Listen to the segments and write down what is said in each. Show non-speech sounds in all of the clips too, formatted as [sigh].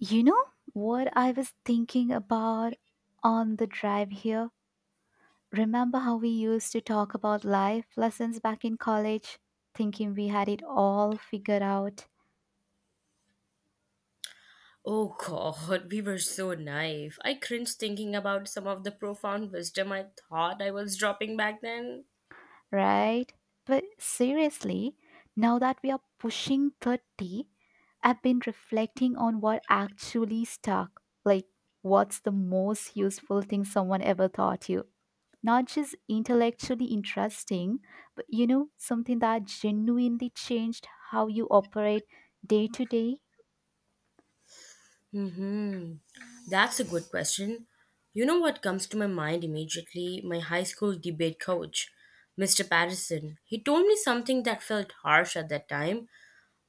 You know what I was thinking about on the drive here? Remember how we used to talk about life lessons back in college, thinking we had it all figured out, Oh god, we were so naive. I cringe thinking about some of the profound wisdom I thought I was dropping back then. right? But seriously, now that we are pushing 30, I've been reflecting on what actually stuck. Like, what's the most useful thing someone ever taught you? Not just intellectually interesting, but something that genuinely changed how you operate day to day? Hmm, that's a good question. You know what comes to my mind immediately? My high school debate coach, Mr. Patterson. He told me something that felt harsh at that time,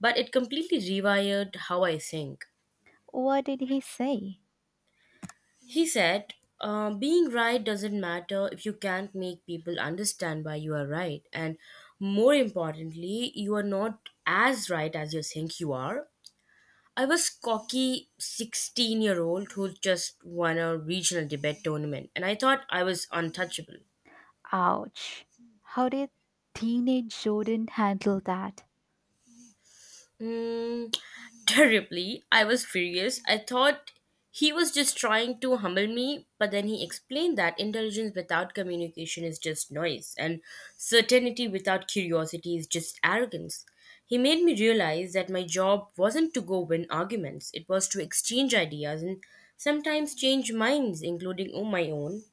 but it completely rewired how I think. What did he say? He said, being right doesn't matter if you can't make people understand why you are right. And more importantly, you are not as right as you think you are. I was cocky 16-year-old year old who just won a regional debate tournament, and I thought I was untouchable. Ouch. How did teenage Jordan handle that? Mm, terribly. I was furious. I thought he was just trying to humble me, but then he explained that intelligence without communication is just noise, and certainty without curiosity is just arrogance. He made me realize that my job wasn't to go win arguments, it was to exchange ideas and sometimes change minds, including oh, my own.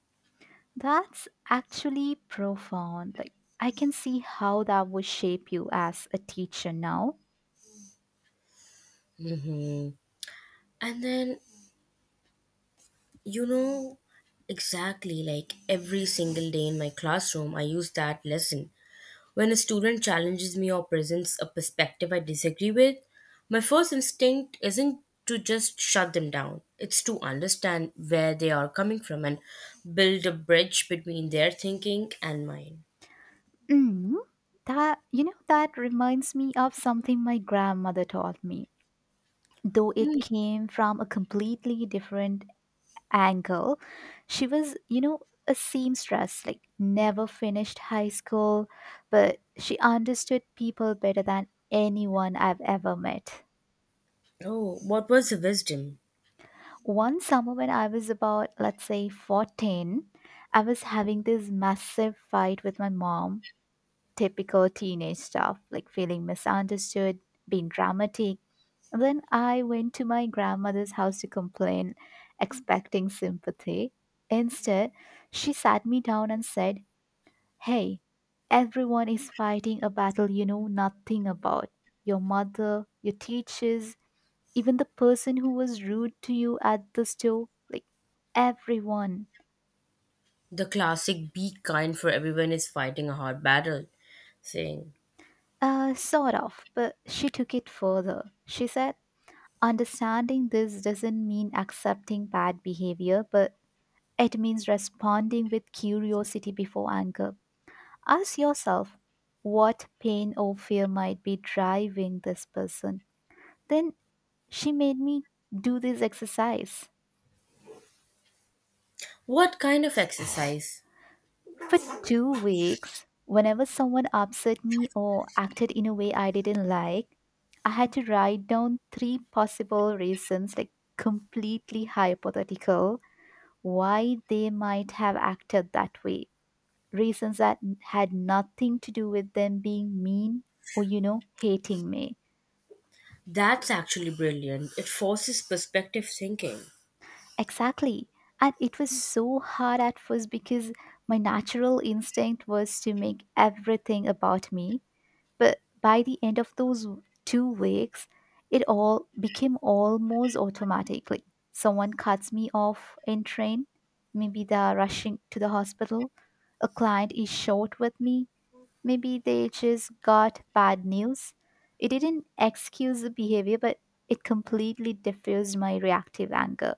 That's actually profound. Like, I can see how that would shape you as a teacher now. Hmm And then, you know, Exactly, like every single day in my classroom, I use that lesson. When a student challenges me or presents a perspective I disagree with, my first instinct isn't to just shut them down. It's to understand where they are coming from and build a bridge between their thinking and mine. Mm, that reminds me of something my grandmother taught me, though it Hmm. came from a completely different angle. She was, a seamstress, like never finished high school, but she understood people better than anyone I've ever met. Oh, what was the wisdom? One summer when I was about, let's say, 14, I was having this massive fight with my mom, typical teenage stuff, like feeling misunderstood, being dramatic. And then I went to my grandmother's house to complain, expecting sympathy. Instead, she sat me down and said, "Hey, everyone is fighting a battle you know nothing about. Your mother, your teachers, even the person who was rude to you at the store. Like, everyone." The classic "be kind, for everyone is fighting a hard battle" saying. Sort of, but she took it further. She said, "Understanding this doesn't mean accepting bad behavior, but it means responding with curiosity before anger. Ask yourself what pain or fear might be driving this person." Then she made me do this exercise What kind of exercise? for 2 weeks. Whenever someone upset me or acted in a way I didn't like, I had to write down 3 possible reasons, like completely hypothetical, why they might have acted that way. Reasons that had nothing to do with them being mean or, hating me. That's actually brilliant. It forces perspective thinking. Exactly. And it was so hard at first because my natural instinct was to make everything about me. But by the end of those 2 weeks, it all became almost automatically. Someone cuts me off in train, maybe they're rushing to the hospital. A client is short with me, maybe they just got bad news. It didn't excuse the behavior, but it completely diffused my reactive anger.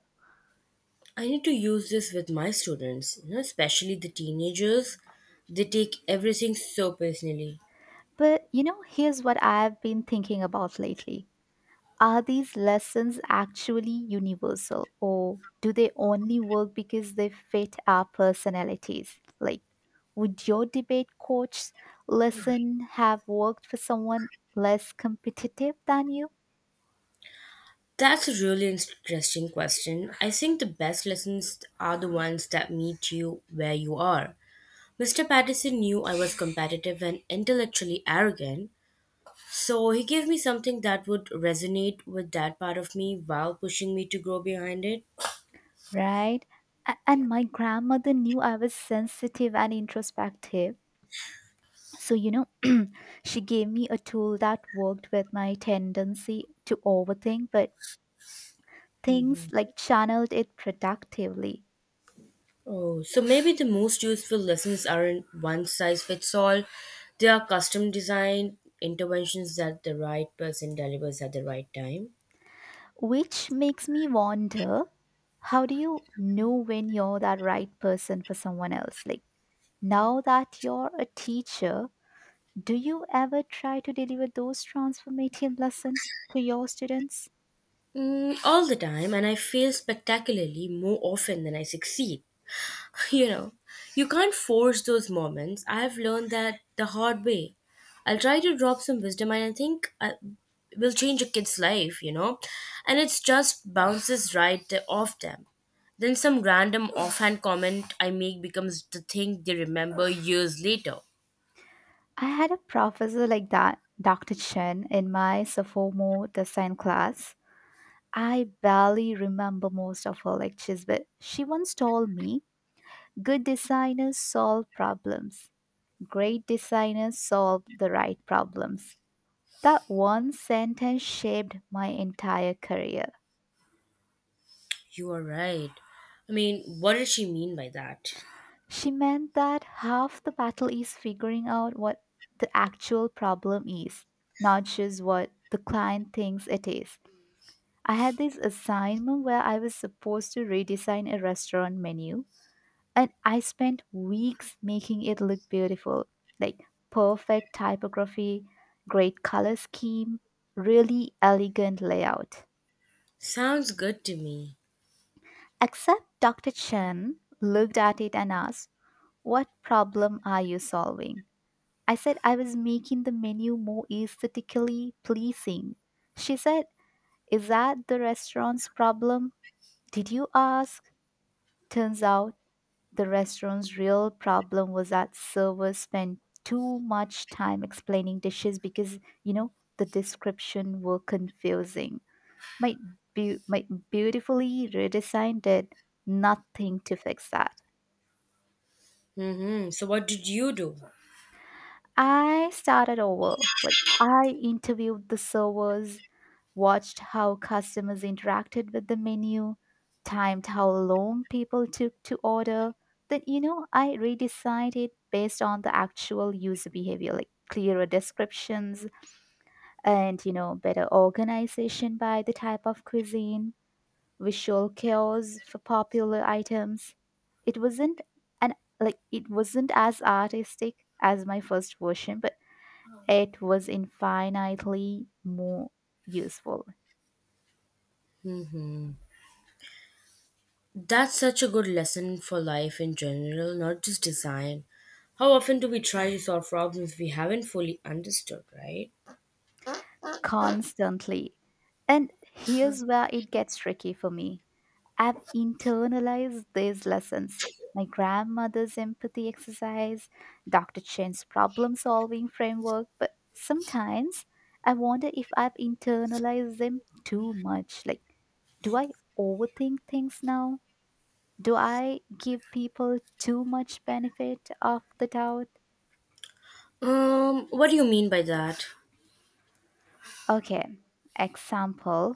I need to use this with my students, you know, especially the teenagers. They take everything so personally. But you know, here's what I've been thinking about lately. Are these lessons actually universal, or do they only work because they fit our personalities? Like, would your debate coach lesson have worked for someone less competitive than you, That's a really interesting question. I think the best lessons are the ones that meet you where you are. Mr. Patterson knew I was competitive and intellectually arrogant, so he gave me something that would resonate with that part of me while pushing me to grow behind it. right? And my grandmother knew I was sensitive and introspective. So, she gave me a tool that worked with my tendency to overthink, but things like channeled it productively. Oh, so maybe the most useful lessons aren't one size fits all. They are custom designed interventions that the right person delivers at the right time. Which makes me wonder, how do you know when you're that right person for someone else? Like, now that you're a teacher, do you ever try to deliver those transformative lessons to your students? All the time, and I fail spectacularly more often than I succeed. You know, you can't force those moments. I've learned that the hard way. I'll try to drop some wisdom, and I think I will change a kid's life, you know, and it's just bounces right off them. Then some random offhand comment I make becomes the thing they remember years later. I had a professor like that, Dr. Chen, in my sophomore design class. I barely remember most of her lectures, but she once told me good designers solve problems. Great designers solve the right problems. That one sentence shaped my entire career. You are right. I mean, what did she mean by that? She meant that half the battle is figuring out what the actual problem is, not just what the client thinks it is. I had this assignment where I was supposed to redesign a restaurant menu, and I spent weeks making it look beautiful, like perfect typography, great color scheme, really elegant layout. Sounds good to me. Except Dr. Chen looked at it and asked, "What problem are you solving?" I said I was making the menu more aesthetically pleasing. She said, "Is that the restaurant's problem? Did you ask?" Turns out the restaurant's real problem was that servers spent too much time explaining dishes because, the description were confusing. My, my beautifully redesigned it, nothing to fix that. Mm-hmm. So what did you do? I started over. Like, I interviewed the servers, watched how customers interacted with the menu, timed how long people took to order. Then, I redesigned it based on the actual user behavior, like clearer descriptions and, better organization by the type of cuisine, visual cues for popular items. It wasn't an it wasn't as artistic as my first version, but it was infinitely more useful, Mm-hmm. That's such a good lesson for life in general, not just design. How often do we try to solve problems we haven't fully understood, right? constantly. And here's where it gets tricky for me. I've internalized these lessons. My grandmother's empathy exercise, Dr. Chen's problem solving framework, but sometimes I wonder if I've internalized them too much. Like, do I overthink things now? Do I give people too much benefit of the doubt? What do you mean by that? Okay, example.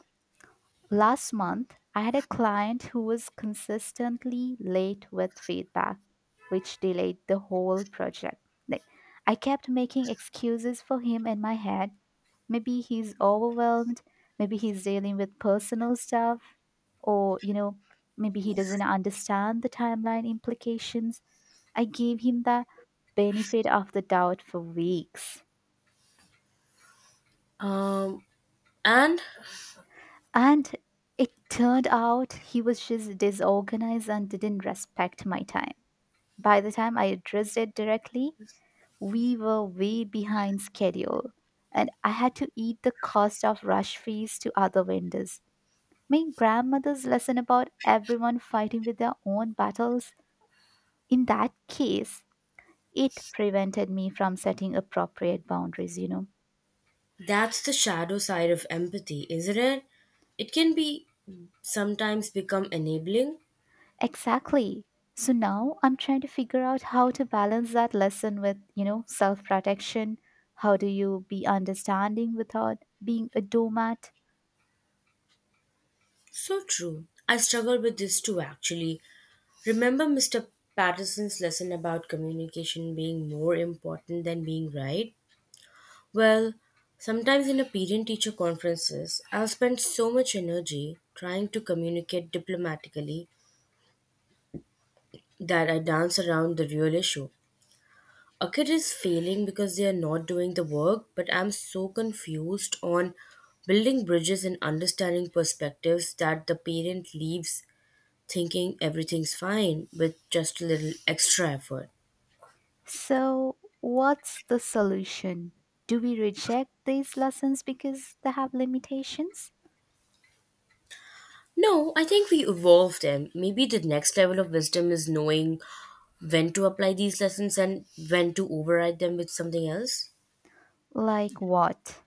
Last month, I had a client who was consistently late with feedback, which delayed the whole project. Like, I kept making excuses for him in my head. Maybe he's overwhelmed, maybe he's dealing with personal stuff, or, maybe he doesn't understand the timeline implications. I gave him the benefit of the doubt for weeks. Um, and And it turned out he was just disorganized and didn't respect my time. By the time I addressed it directly, we were way behind schedule. And I had to eat the cost of rush fees to other vendors. My grandmother's lesson about everyone fighting with their own battles, in that case, it prevented me from setting appropriate boundaries, that's the shadow side of empathy, isn't it? It can be sometimes become enabling. Exactly. So now I'm trying to figure out how to balance that lesson with, self protection. How do you be understanding without being a doormat? So true. I struggle with this too, actually. Remember Mr. Patterson's lesson about communication being more important than being right? Well, sometimes in a parent teacher conferences, I've spent so much energy trying to communicate diplomatically that I dance around the real issue. A kid is failing because they are not doing the work, but I'm so confused on building bridges and understanding perspectives that the parent leaves thinking everything's fine with just a little extra effort. So, what's the solution? Do we reject these lessons because they have limitations? No, I think we evolve them. Maybe the next level of wisdom is knowing when to apply these lessons and when to override them with something else. Like what?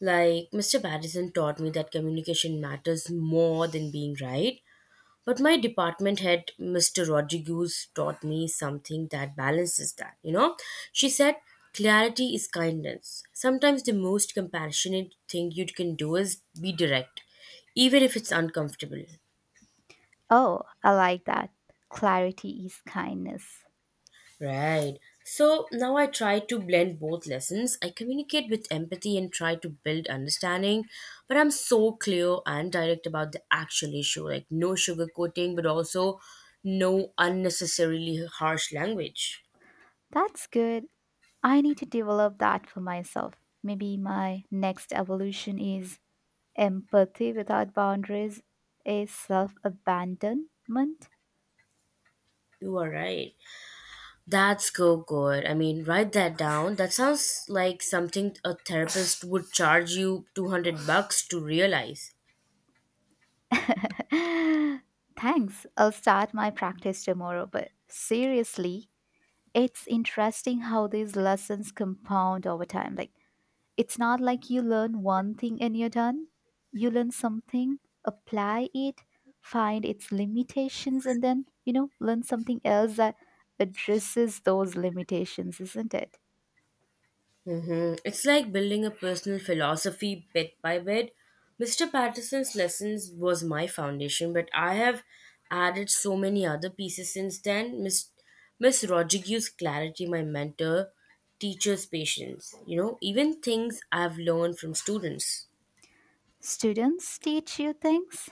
Like, Mr. Patterson taught me that communication matters more than being right. But my department head, Mr. Rodriguez, taught me something that balances that, you know? She said, clarity is kindness. Sometimes the most compassionate thing you can do is be direct, even if it's uncomfortable. Oh, I like that. Clarity is kindness. Right. So now I try to blend both lessons. I communicate with empathy and try to build understanding, but I'm so clear and direct about the actual issue, like, no sugarcoating, but also no unnecessarily harsh language. That's good. I need to develop that for myself. Maybe my next evolution is empathy without boundaries is self abandonment. You are right. That's so good. I mean, write that down. That sounds like something a therapist would charge you 200 bucks to realize. [laughs] Thanks. I'll start my practice tomorrow. But seriously, it's interesting how these lessons compound over time. Like, it's not like you learn one thing and you're done. You learn something, apply it, find its limitations, and then, learn something else that addresses those limitations, isn't it? It's like building a personal philosophy bit by bit. Mr. Patterson's lessons was my foundation, but I have added so many other pieces since then. Miss Rodriguez's clarity, my mentor, teacher's patience, you know, even things I've learned from students. Students teach you things,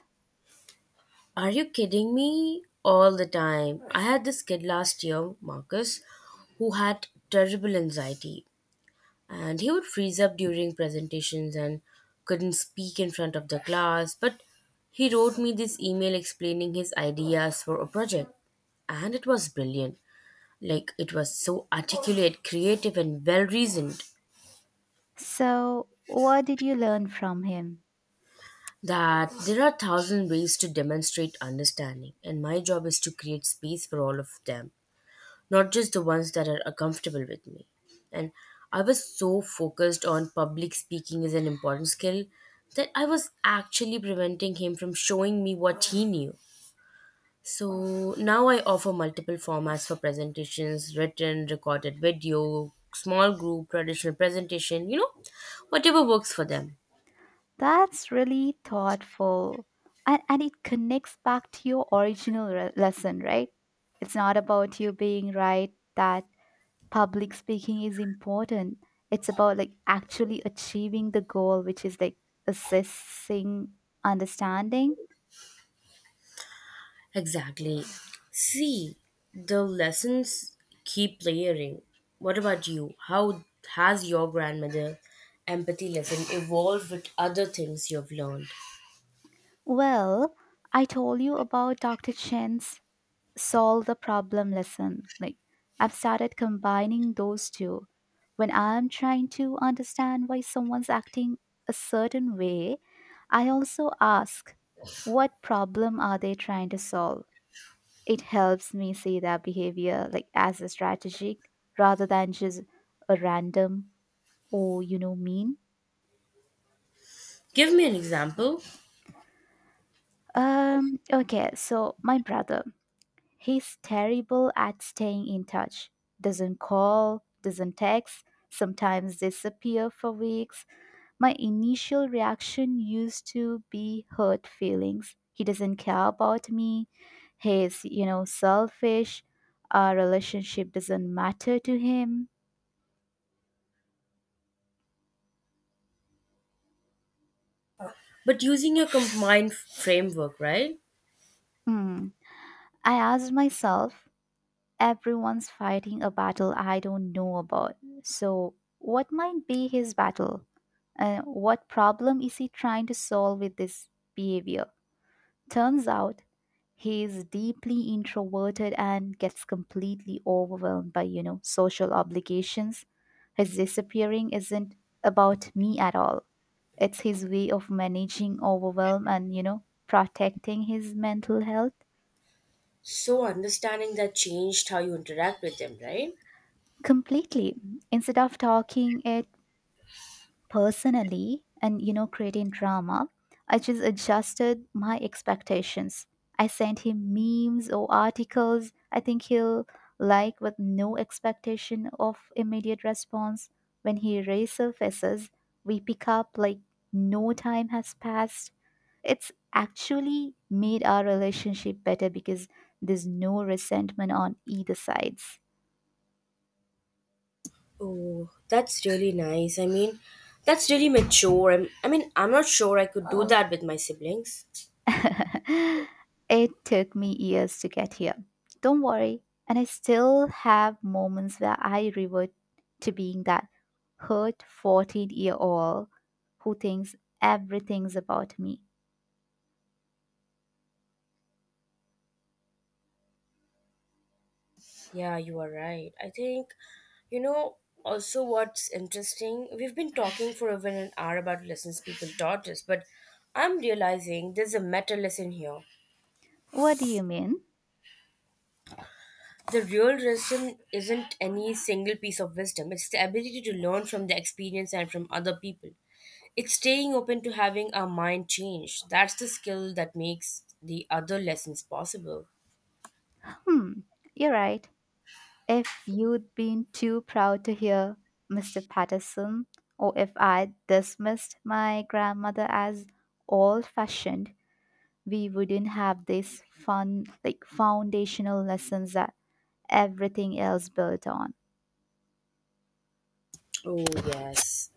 Are you kidding me? All the time. I had this kid last year, Marcus, who had terrible anxiety, and he would freeze up during presentations and couldn't speak in front of the class, but he wrote me this email explaining his ideas for a project, and it was brilliant. Like, it was so articulate, creative and well reasoned, so, what did you learn from him? that there are thousand ways to demonstrate understanding, and my job is to create space for all of them, not just the ones that are uncomfortable with me. And I was so focused on public speaking as an important skill that I was actually preventing him from showing me what he knew. So now I offer multiple formats for presentations: written, recorded video, small group, traditional presentation, you know, whatever works for them. That's really thoughtful. And it connects back to your original lesson, right? It's not about you being right that public speaking is important. It's about like actually achieving the goal, which is like assessing understanding. Exactly. See, the lessons keep layering. What about you? How has your grandmother empathy lesson evolved with other things you've learned? Well, I told you about Dr. Chen's solve the problem lesson. Like, I've started combining those two. When I'm trying to understand why someone's acting a certain way, I also ask, what problem are they trying to solve? It helps me see their behavior like as a strategic rather than just a random or mean. Give me an example, Okay, so my brother, he's terrible at staying in touch. Doesn't call, doesn't text, sometimes disappear for weeks. My initial reaction used to be hurt feelings. He doesn't care about me. He's, selfish. Our relationship doesn't matter to him. but using a combined framework, right? Hmm. I asked myself, everyone's fighting a battle I don't know about. So, what might be his battle? And what problem is he trying to solve with this behavior? Turns out he is deeply introverted and gets completely overwhelmed by, social obligations. His disappearing isn't about me at all. It's his way of managing overwhelm and, protecting his mental health So, understanding that changed how you interact with them, right? completely. Instead of talking it personally and creating drama, I just adjusted my expectations. I sent him memes or articles I think he'll like with no expectation of immediate response. When he resurfaces we pick up like no time has passed. It's actually made our relationship better because there's no resentment on either sides. Oh, that's really nice. I mean, that's really mature. I mean, I'm not sure I could do that with my siblings. [laughs] It took me years to get here. Don't worry. And I still have moments where I revert to being that hurt 14-year-old who thinks everything's about me. Yeah, you are right. I think, you know, also what's interesting, we've been talking for over an hour about lessons people taught us, but I'm realizing there's a meta lesson here. What do you mean? The real lesson isn't any single piece of wisdom, it's the ability to learn from the experience and from other people. It's staying open to having our mind change. That's the skill that makes the other lessons possible. Hmm, you're right. If you'd been too proud to hear Mr. Patterson, or if I dismissed my grandmother as old fashioned, we wouldn't have these fun, like foundational lessons that everything else built on. Oh, yes.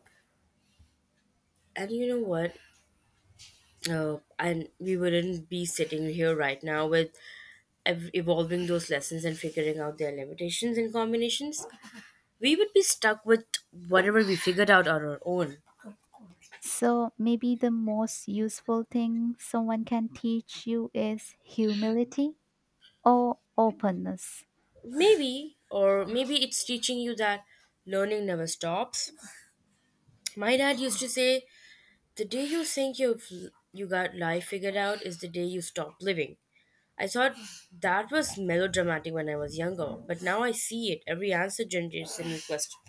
And you know what? And we wouldn't be sitting here right now with evolving those lessons and figuring out their limitations and combinations, we would be stuck with whatever we figured out on our own. So maybe the most useful thing someone can teach you is humility or openness. Maybe, or maybe it's teaching you that learning never stops. My dad used to say, "The day you think you got life figured out is the day you stop living." I thought that was melodramatic when I was younger, but now I see it: every answer generates a new question.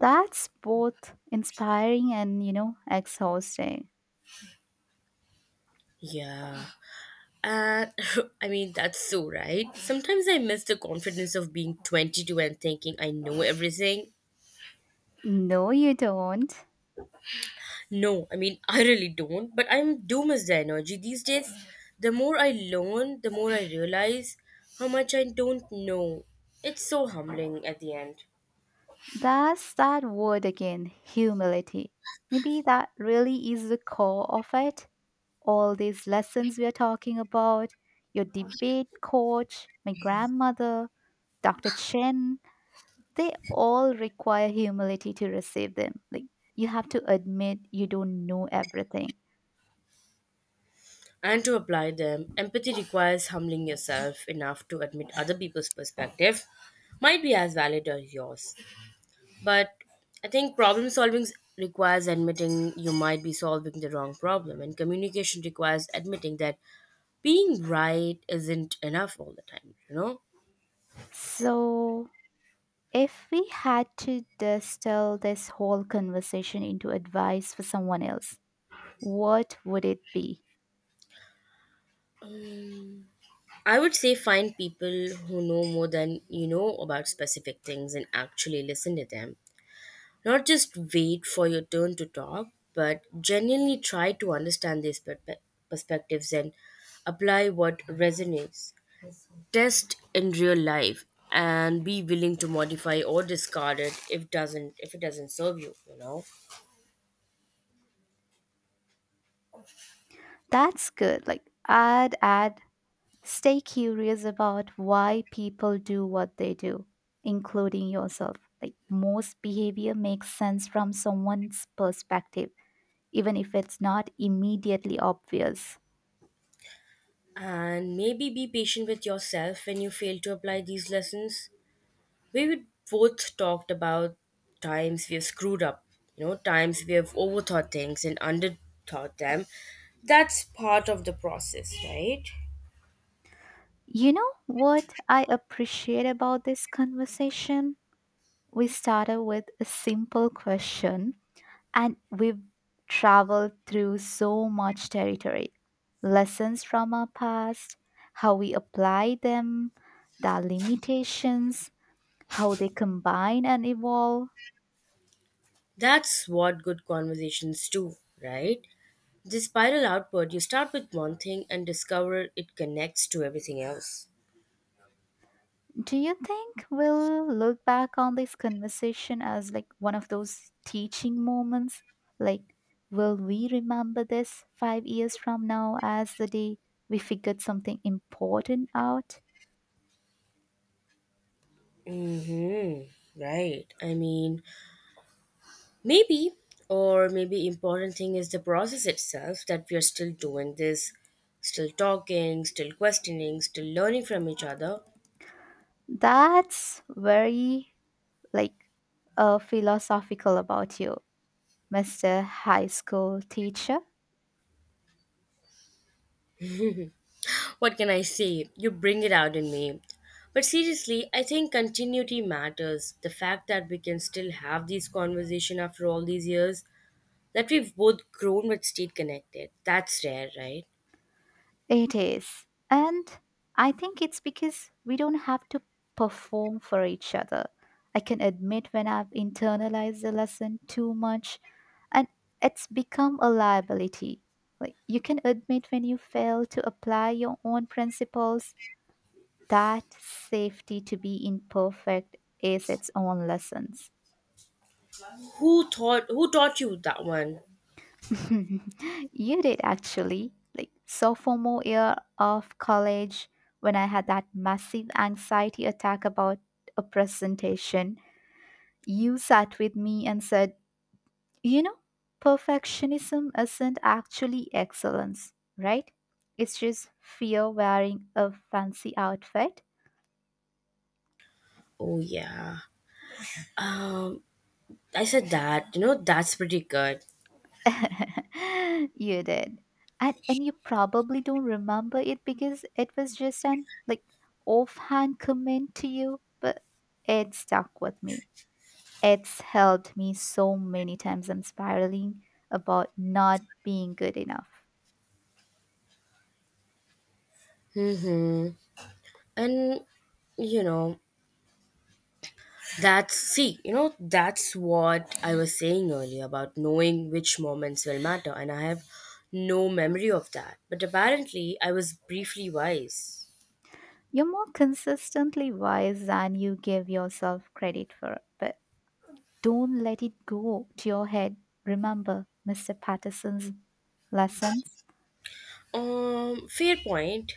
That's both inspiring and, exhausting. Yeah. And [laughs] I mean, that's so right. Sometimes I miss the confidence of being 22 and thinking I know everything. No, you don't. No, I mean, [laughs] I really don't, but I do miss the energy these days. The more I learn, the more I realize how much I don't know. It's so humbling at the end. That's that word again, humility. Maybe that really is the core of it. All these lessons we are talking about, your debate coach, my grandmother, Dr. Chen, they all require humility to receive them. Like, you have to admit you don't know everything. And to apply them, empathy requires humbling yourself enough to admit other people's perspective might be as valid as yours. But I think problem solving requires admitting you might be solving the wrong problem, and communication requires admitting that being right isn't enough all the time, you know? So, if we had to distill this whole conversation into advice for someone else, what would it be? Mm, I would say find people who know more than you know about specific things and actually listen to them. Not just wait for your turn to talk, but genuinely try to understand these perspectives and apply what resonates. Test in real life and be willing to modify or discard it if it doesn't serve you, you know. That's good. Like, I'd add stay curious about why people do what they do, including yourself. Like, most behavior makes sense from someone's perspective, even if it's not immediately obvious. And maybe be patient with yourself when you fail to apply these lessons. We both talked about times we have screwed up, you know, times we have overthought things and underthought them. That's part of the process, right? You know what I appreciate about this conversation? We started with a simple question and we've traveled through so much territory. Lessons from our past, how we apply them, their limitations, how they combine and evolve. That's what good conversations do, right? The spiral outward, you start with one thing and discover it connects to everything else. Do you think we'll look back on this conversation as like one of those teaching moments? Like, will we remember this 5 years from now as the day we figured something important out? hmm Right. I mean, maybe, or maybe important thing is the process itself, that we are still doing this, still talking, still questioning, still learning from each other. That's very like philosophical about you, Mr. High School Teacher. What can I say? You bring it out in me. But seriously, I think continuity matters. The fact that we can still have these conversation after all these years, that we've both grown but stayed connected. That's rare, right? It is. And I think it's because we don't have to perform for each other. I can admit when I've internalized the lesson too much and it's become a liability. Like, you can admit when you fail to apply your own principles, that safety to be imperfect is its own lessons. Who thought? Who taught you that one? [laughs] You did actually. Like sophomore year of college, when I had that massive anxiety attack about a presentation, you sat with me and said, "You know, perfectionism isn't actually excellence, right? It's just fear wearing a fancy outfit." Oh yeah. Um, I said that, you know, that's pretty good. [laughs] You did. And you probably don't remember it because it was just an like offhand comment to you, but it stuck with me. It's helped me so many times I'm spiraling about not being good enough. hmm And, you know, that's, see, that's what I was saying earlier about knowing which moments will matter. And I have no memory of that. But apparently, I was briefly wise. You're more consistently wise than you give yourself credit for, but don't let it go to your head. Remember Mr. Patterson's lessons. Fair point.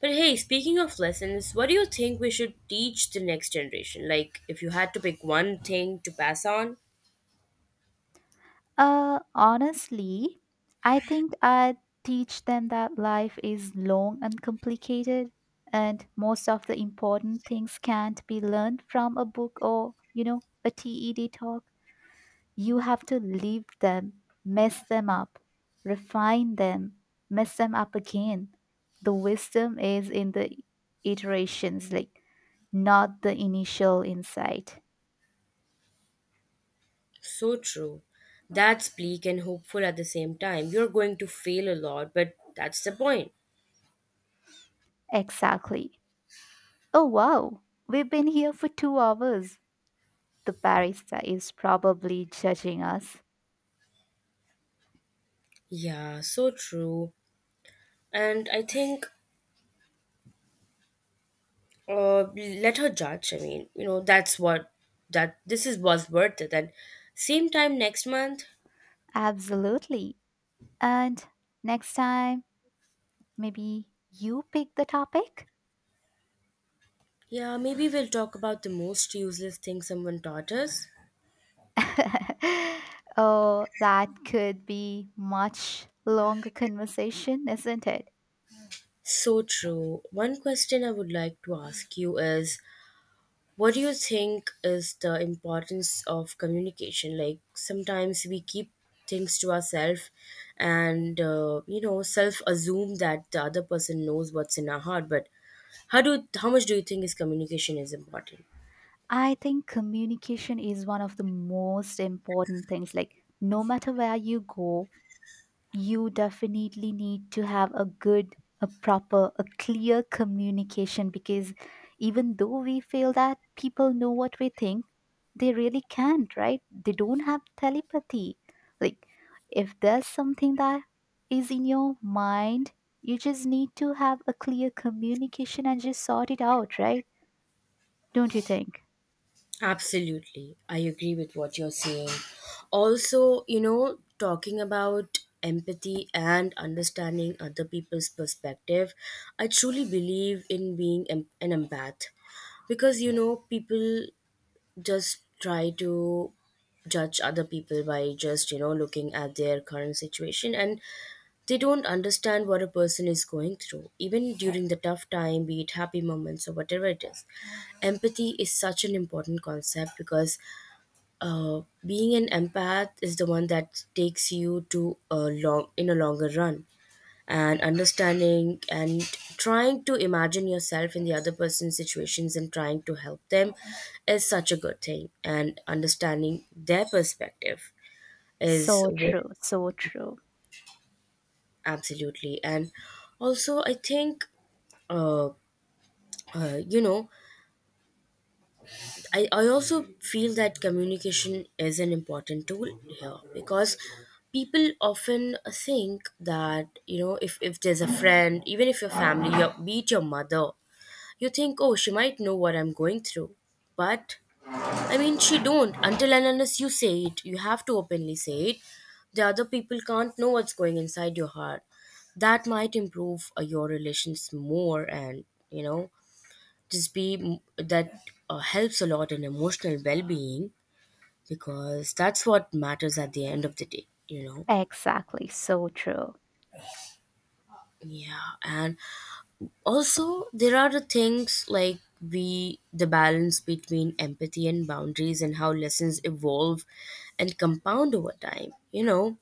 But hey, speaking of lessons, what do you think we should teach the next generation? Like, if you had to pick one thing to pass on? Honestly, I think I'd teach them that life is long and complicated, and most of the important things can't be learned from a book or, a TED talk. You have to live them, mess them up, refine them, mess them up again. The wisdom is in the iterations, like not the initial insight. So true. That's bleak and hopeful at the same time. You're going to fail a lot, but that's the point. Exactly. Oh, wow. We've been here for 2 hours. The barista is probably judging us. Yeah, so true. And I think let her judge. I mean, you know, that's what, that this is was worth it. And same time next month, Absolutely. And next time, maybe you pick the topic? yeah, maybe we'll talk about the most useless thing someone taught us. [laughs] Oh, that could be much longer conversation, isn't it? So true. One question I would like to ask you is, what do you think is the importance of communication? Like, sometimes we keep things to ourselves and, you know, self assume that the other person knows what's in our heart. But how much do you think is communication is important? I think communication is one of the most important things. Like, no matter where you go, you definitely need to have a good a clear communication because even though we feel that people know what we think, they really can't, right? They don't have telepathy. Like, if there's something that is in your mind, you just need to have a clear communication and just sort it out, right? Don't you think? Absolutely. I agree with what you're saying. Also, you know, talking about empathy and understanding other people's perspective, I truly believe in being an empath because, you know, people just try to judge other people by just, you know, looking at their current situation, and they don't understand what a person is going through, even during the tough time, be it happy moments or whatever it is. Empathy is such an important concept because being an empath is the one that takes you to a longer run, and understanding and trying to imagine yourself in the other person's situations and trying to help them is such a good thing, and understanding their perspective is So what... true, so true, Absolutely. And also I think, uh, you know, I also feel that communication is an important tool here, because people often think that, you know, if there's a friend, even if your family, your, be it your mother, you think, oh, she might know what I'm going through. But I mean, she don't until and unless you say it. You have to openly say it. The other people can't know what's going inside your heart. That might improve your relations more, and, you know, just that helps a lot in emotional well-being, because that's what matters at the end of the day, you know. exactly, so true, Yeah, and also there are the things like we the balance between empathy and boundaries and how lessons evolve and compound over time, you know.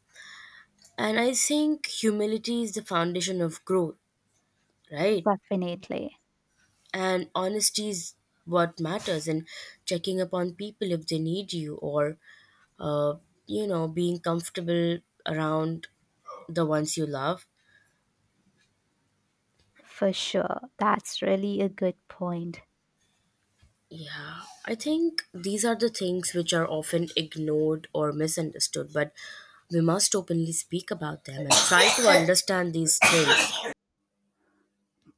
And I think humility is the foundation of growth, right? definitely. And honesty is what matters, and checking upon people if they need you, or, uh, you know, being comfortable around the ones you love. For sure. That's really a good point. Yeah, I think these are the things which are often ignored or misunderstood, but we must openly speak about them and try to [coughs] understand these things.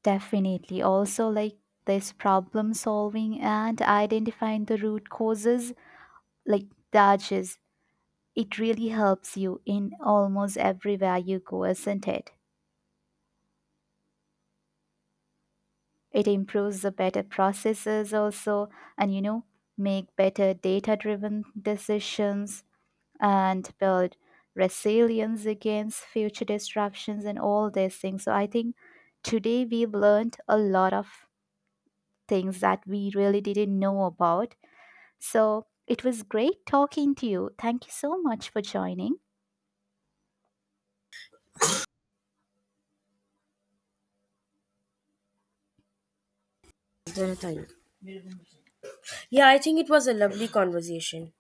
Definitely. Also, like, this problem solving and identifying the root causes, like that, just, it really helps you in almost everywhere you go, isn't it? It improves the better processes also, and you know, make better data driven decisions and build resilience against future disruptions and all these things. So, I think today we've learned a lot of things that we really didn't know about. So it was great talking to you. Thank you so much for joining. Then I think- Yeah, I think it was a lovely conversation.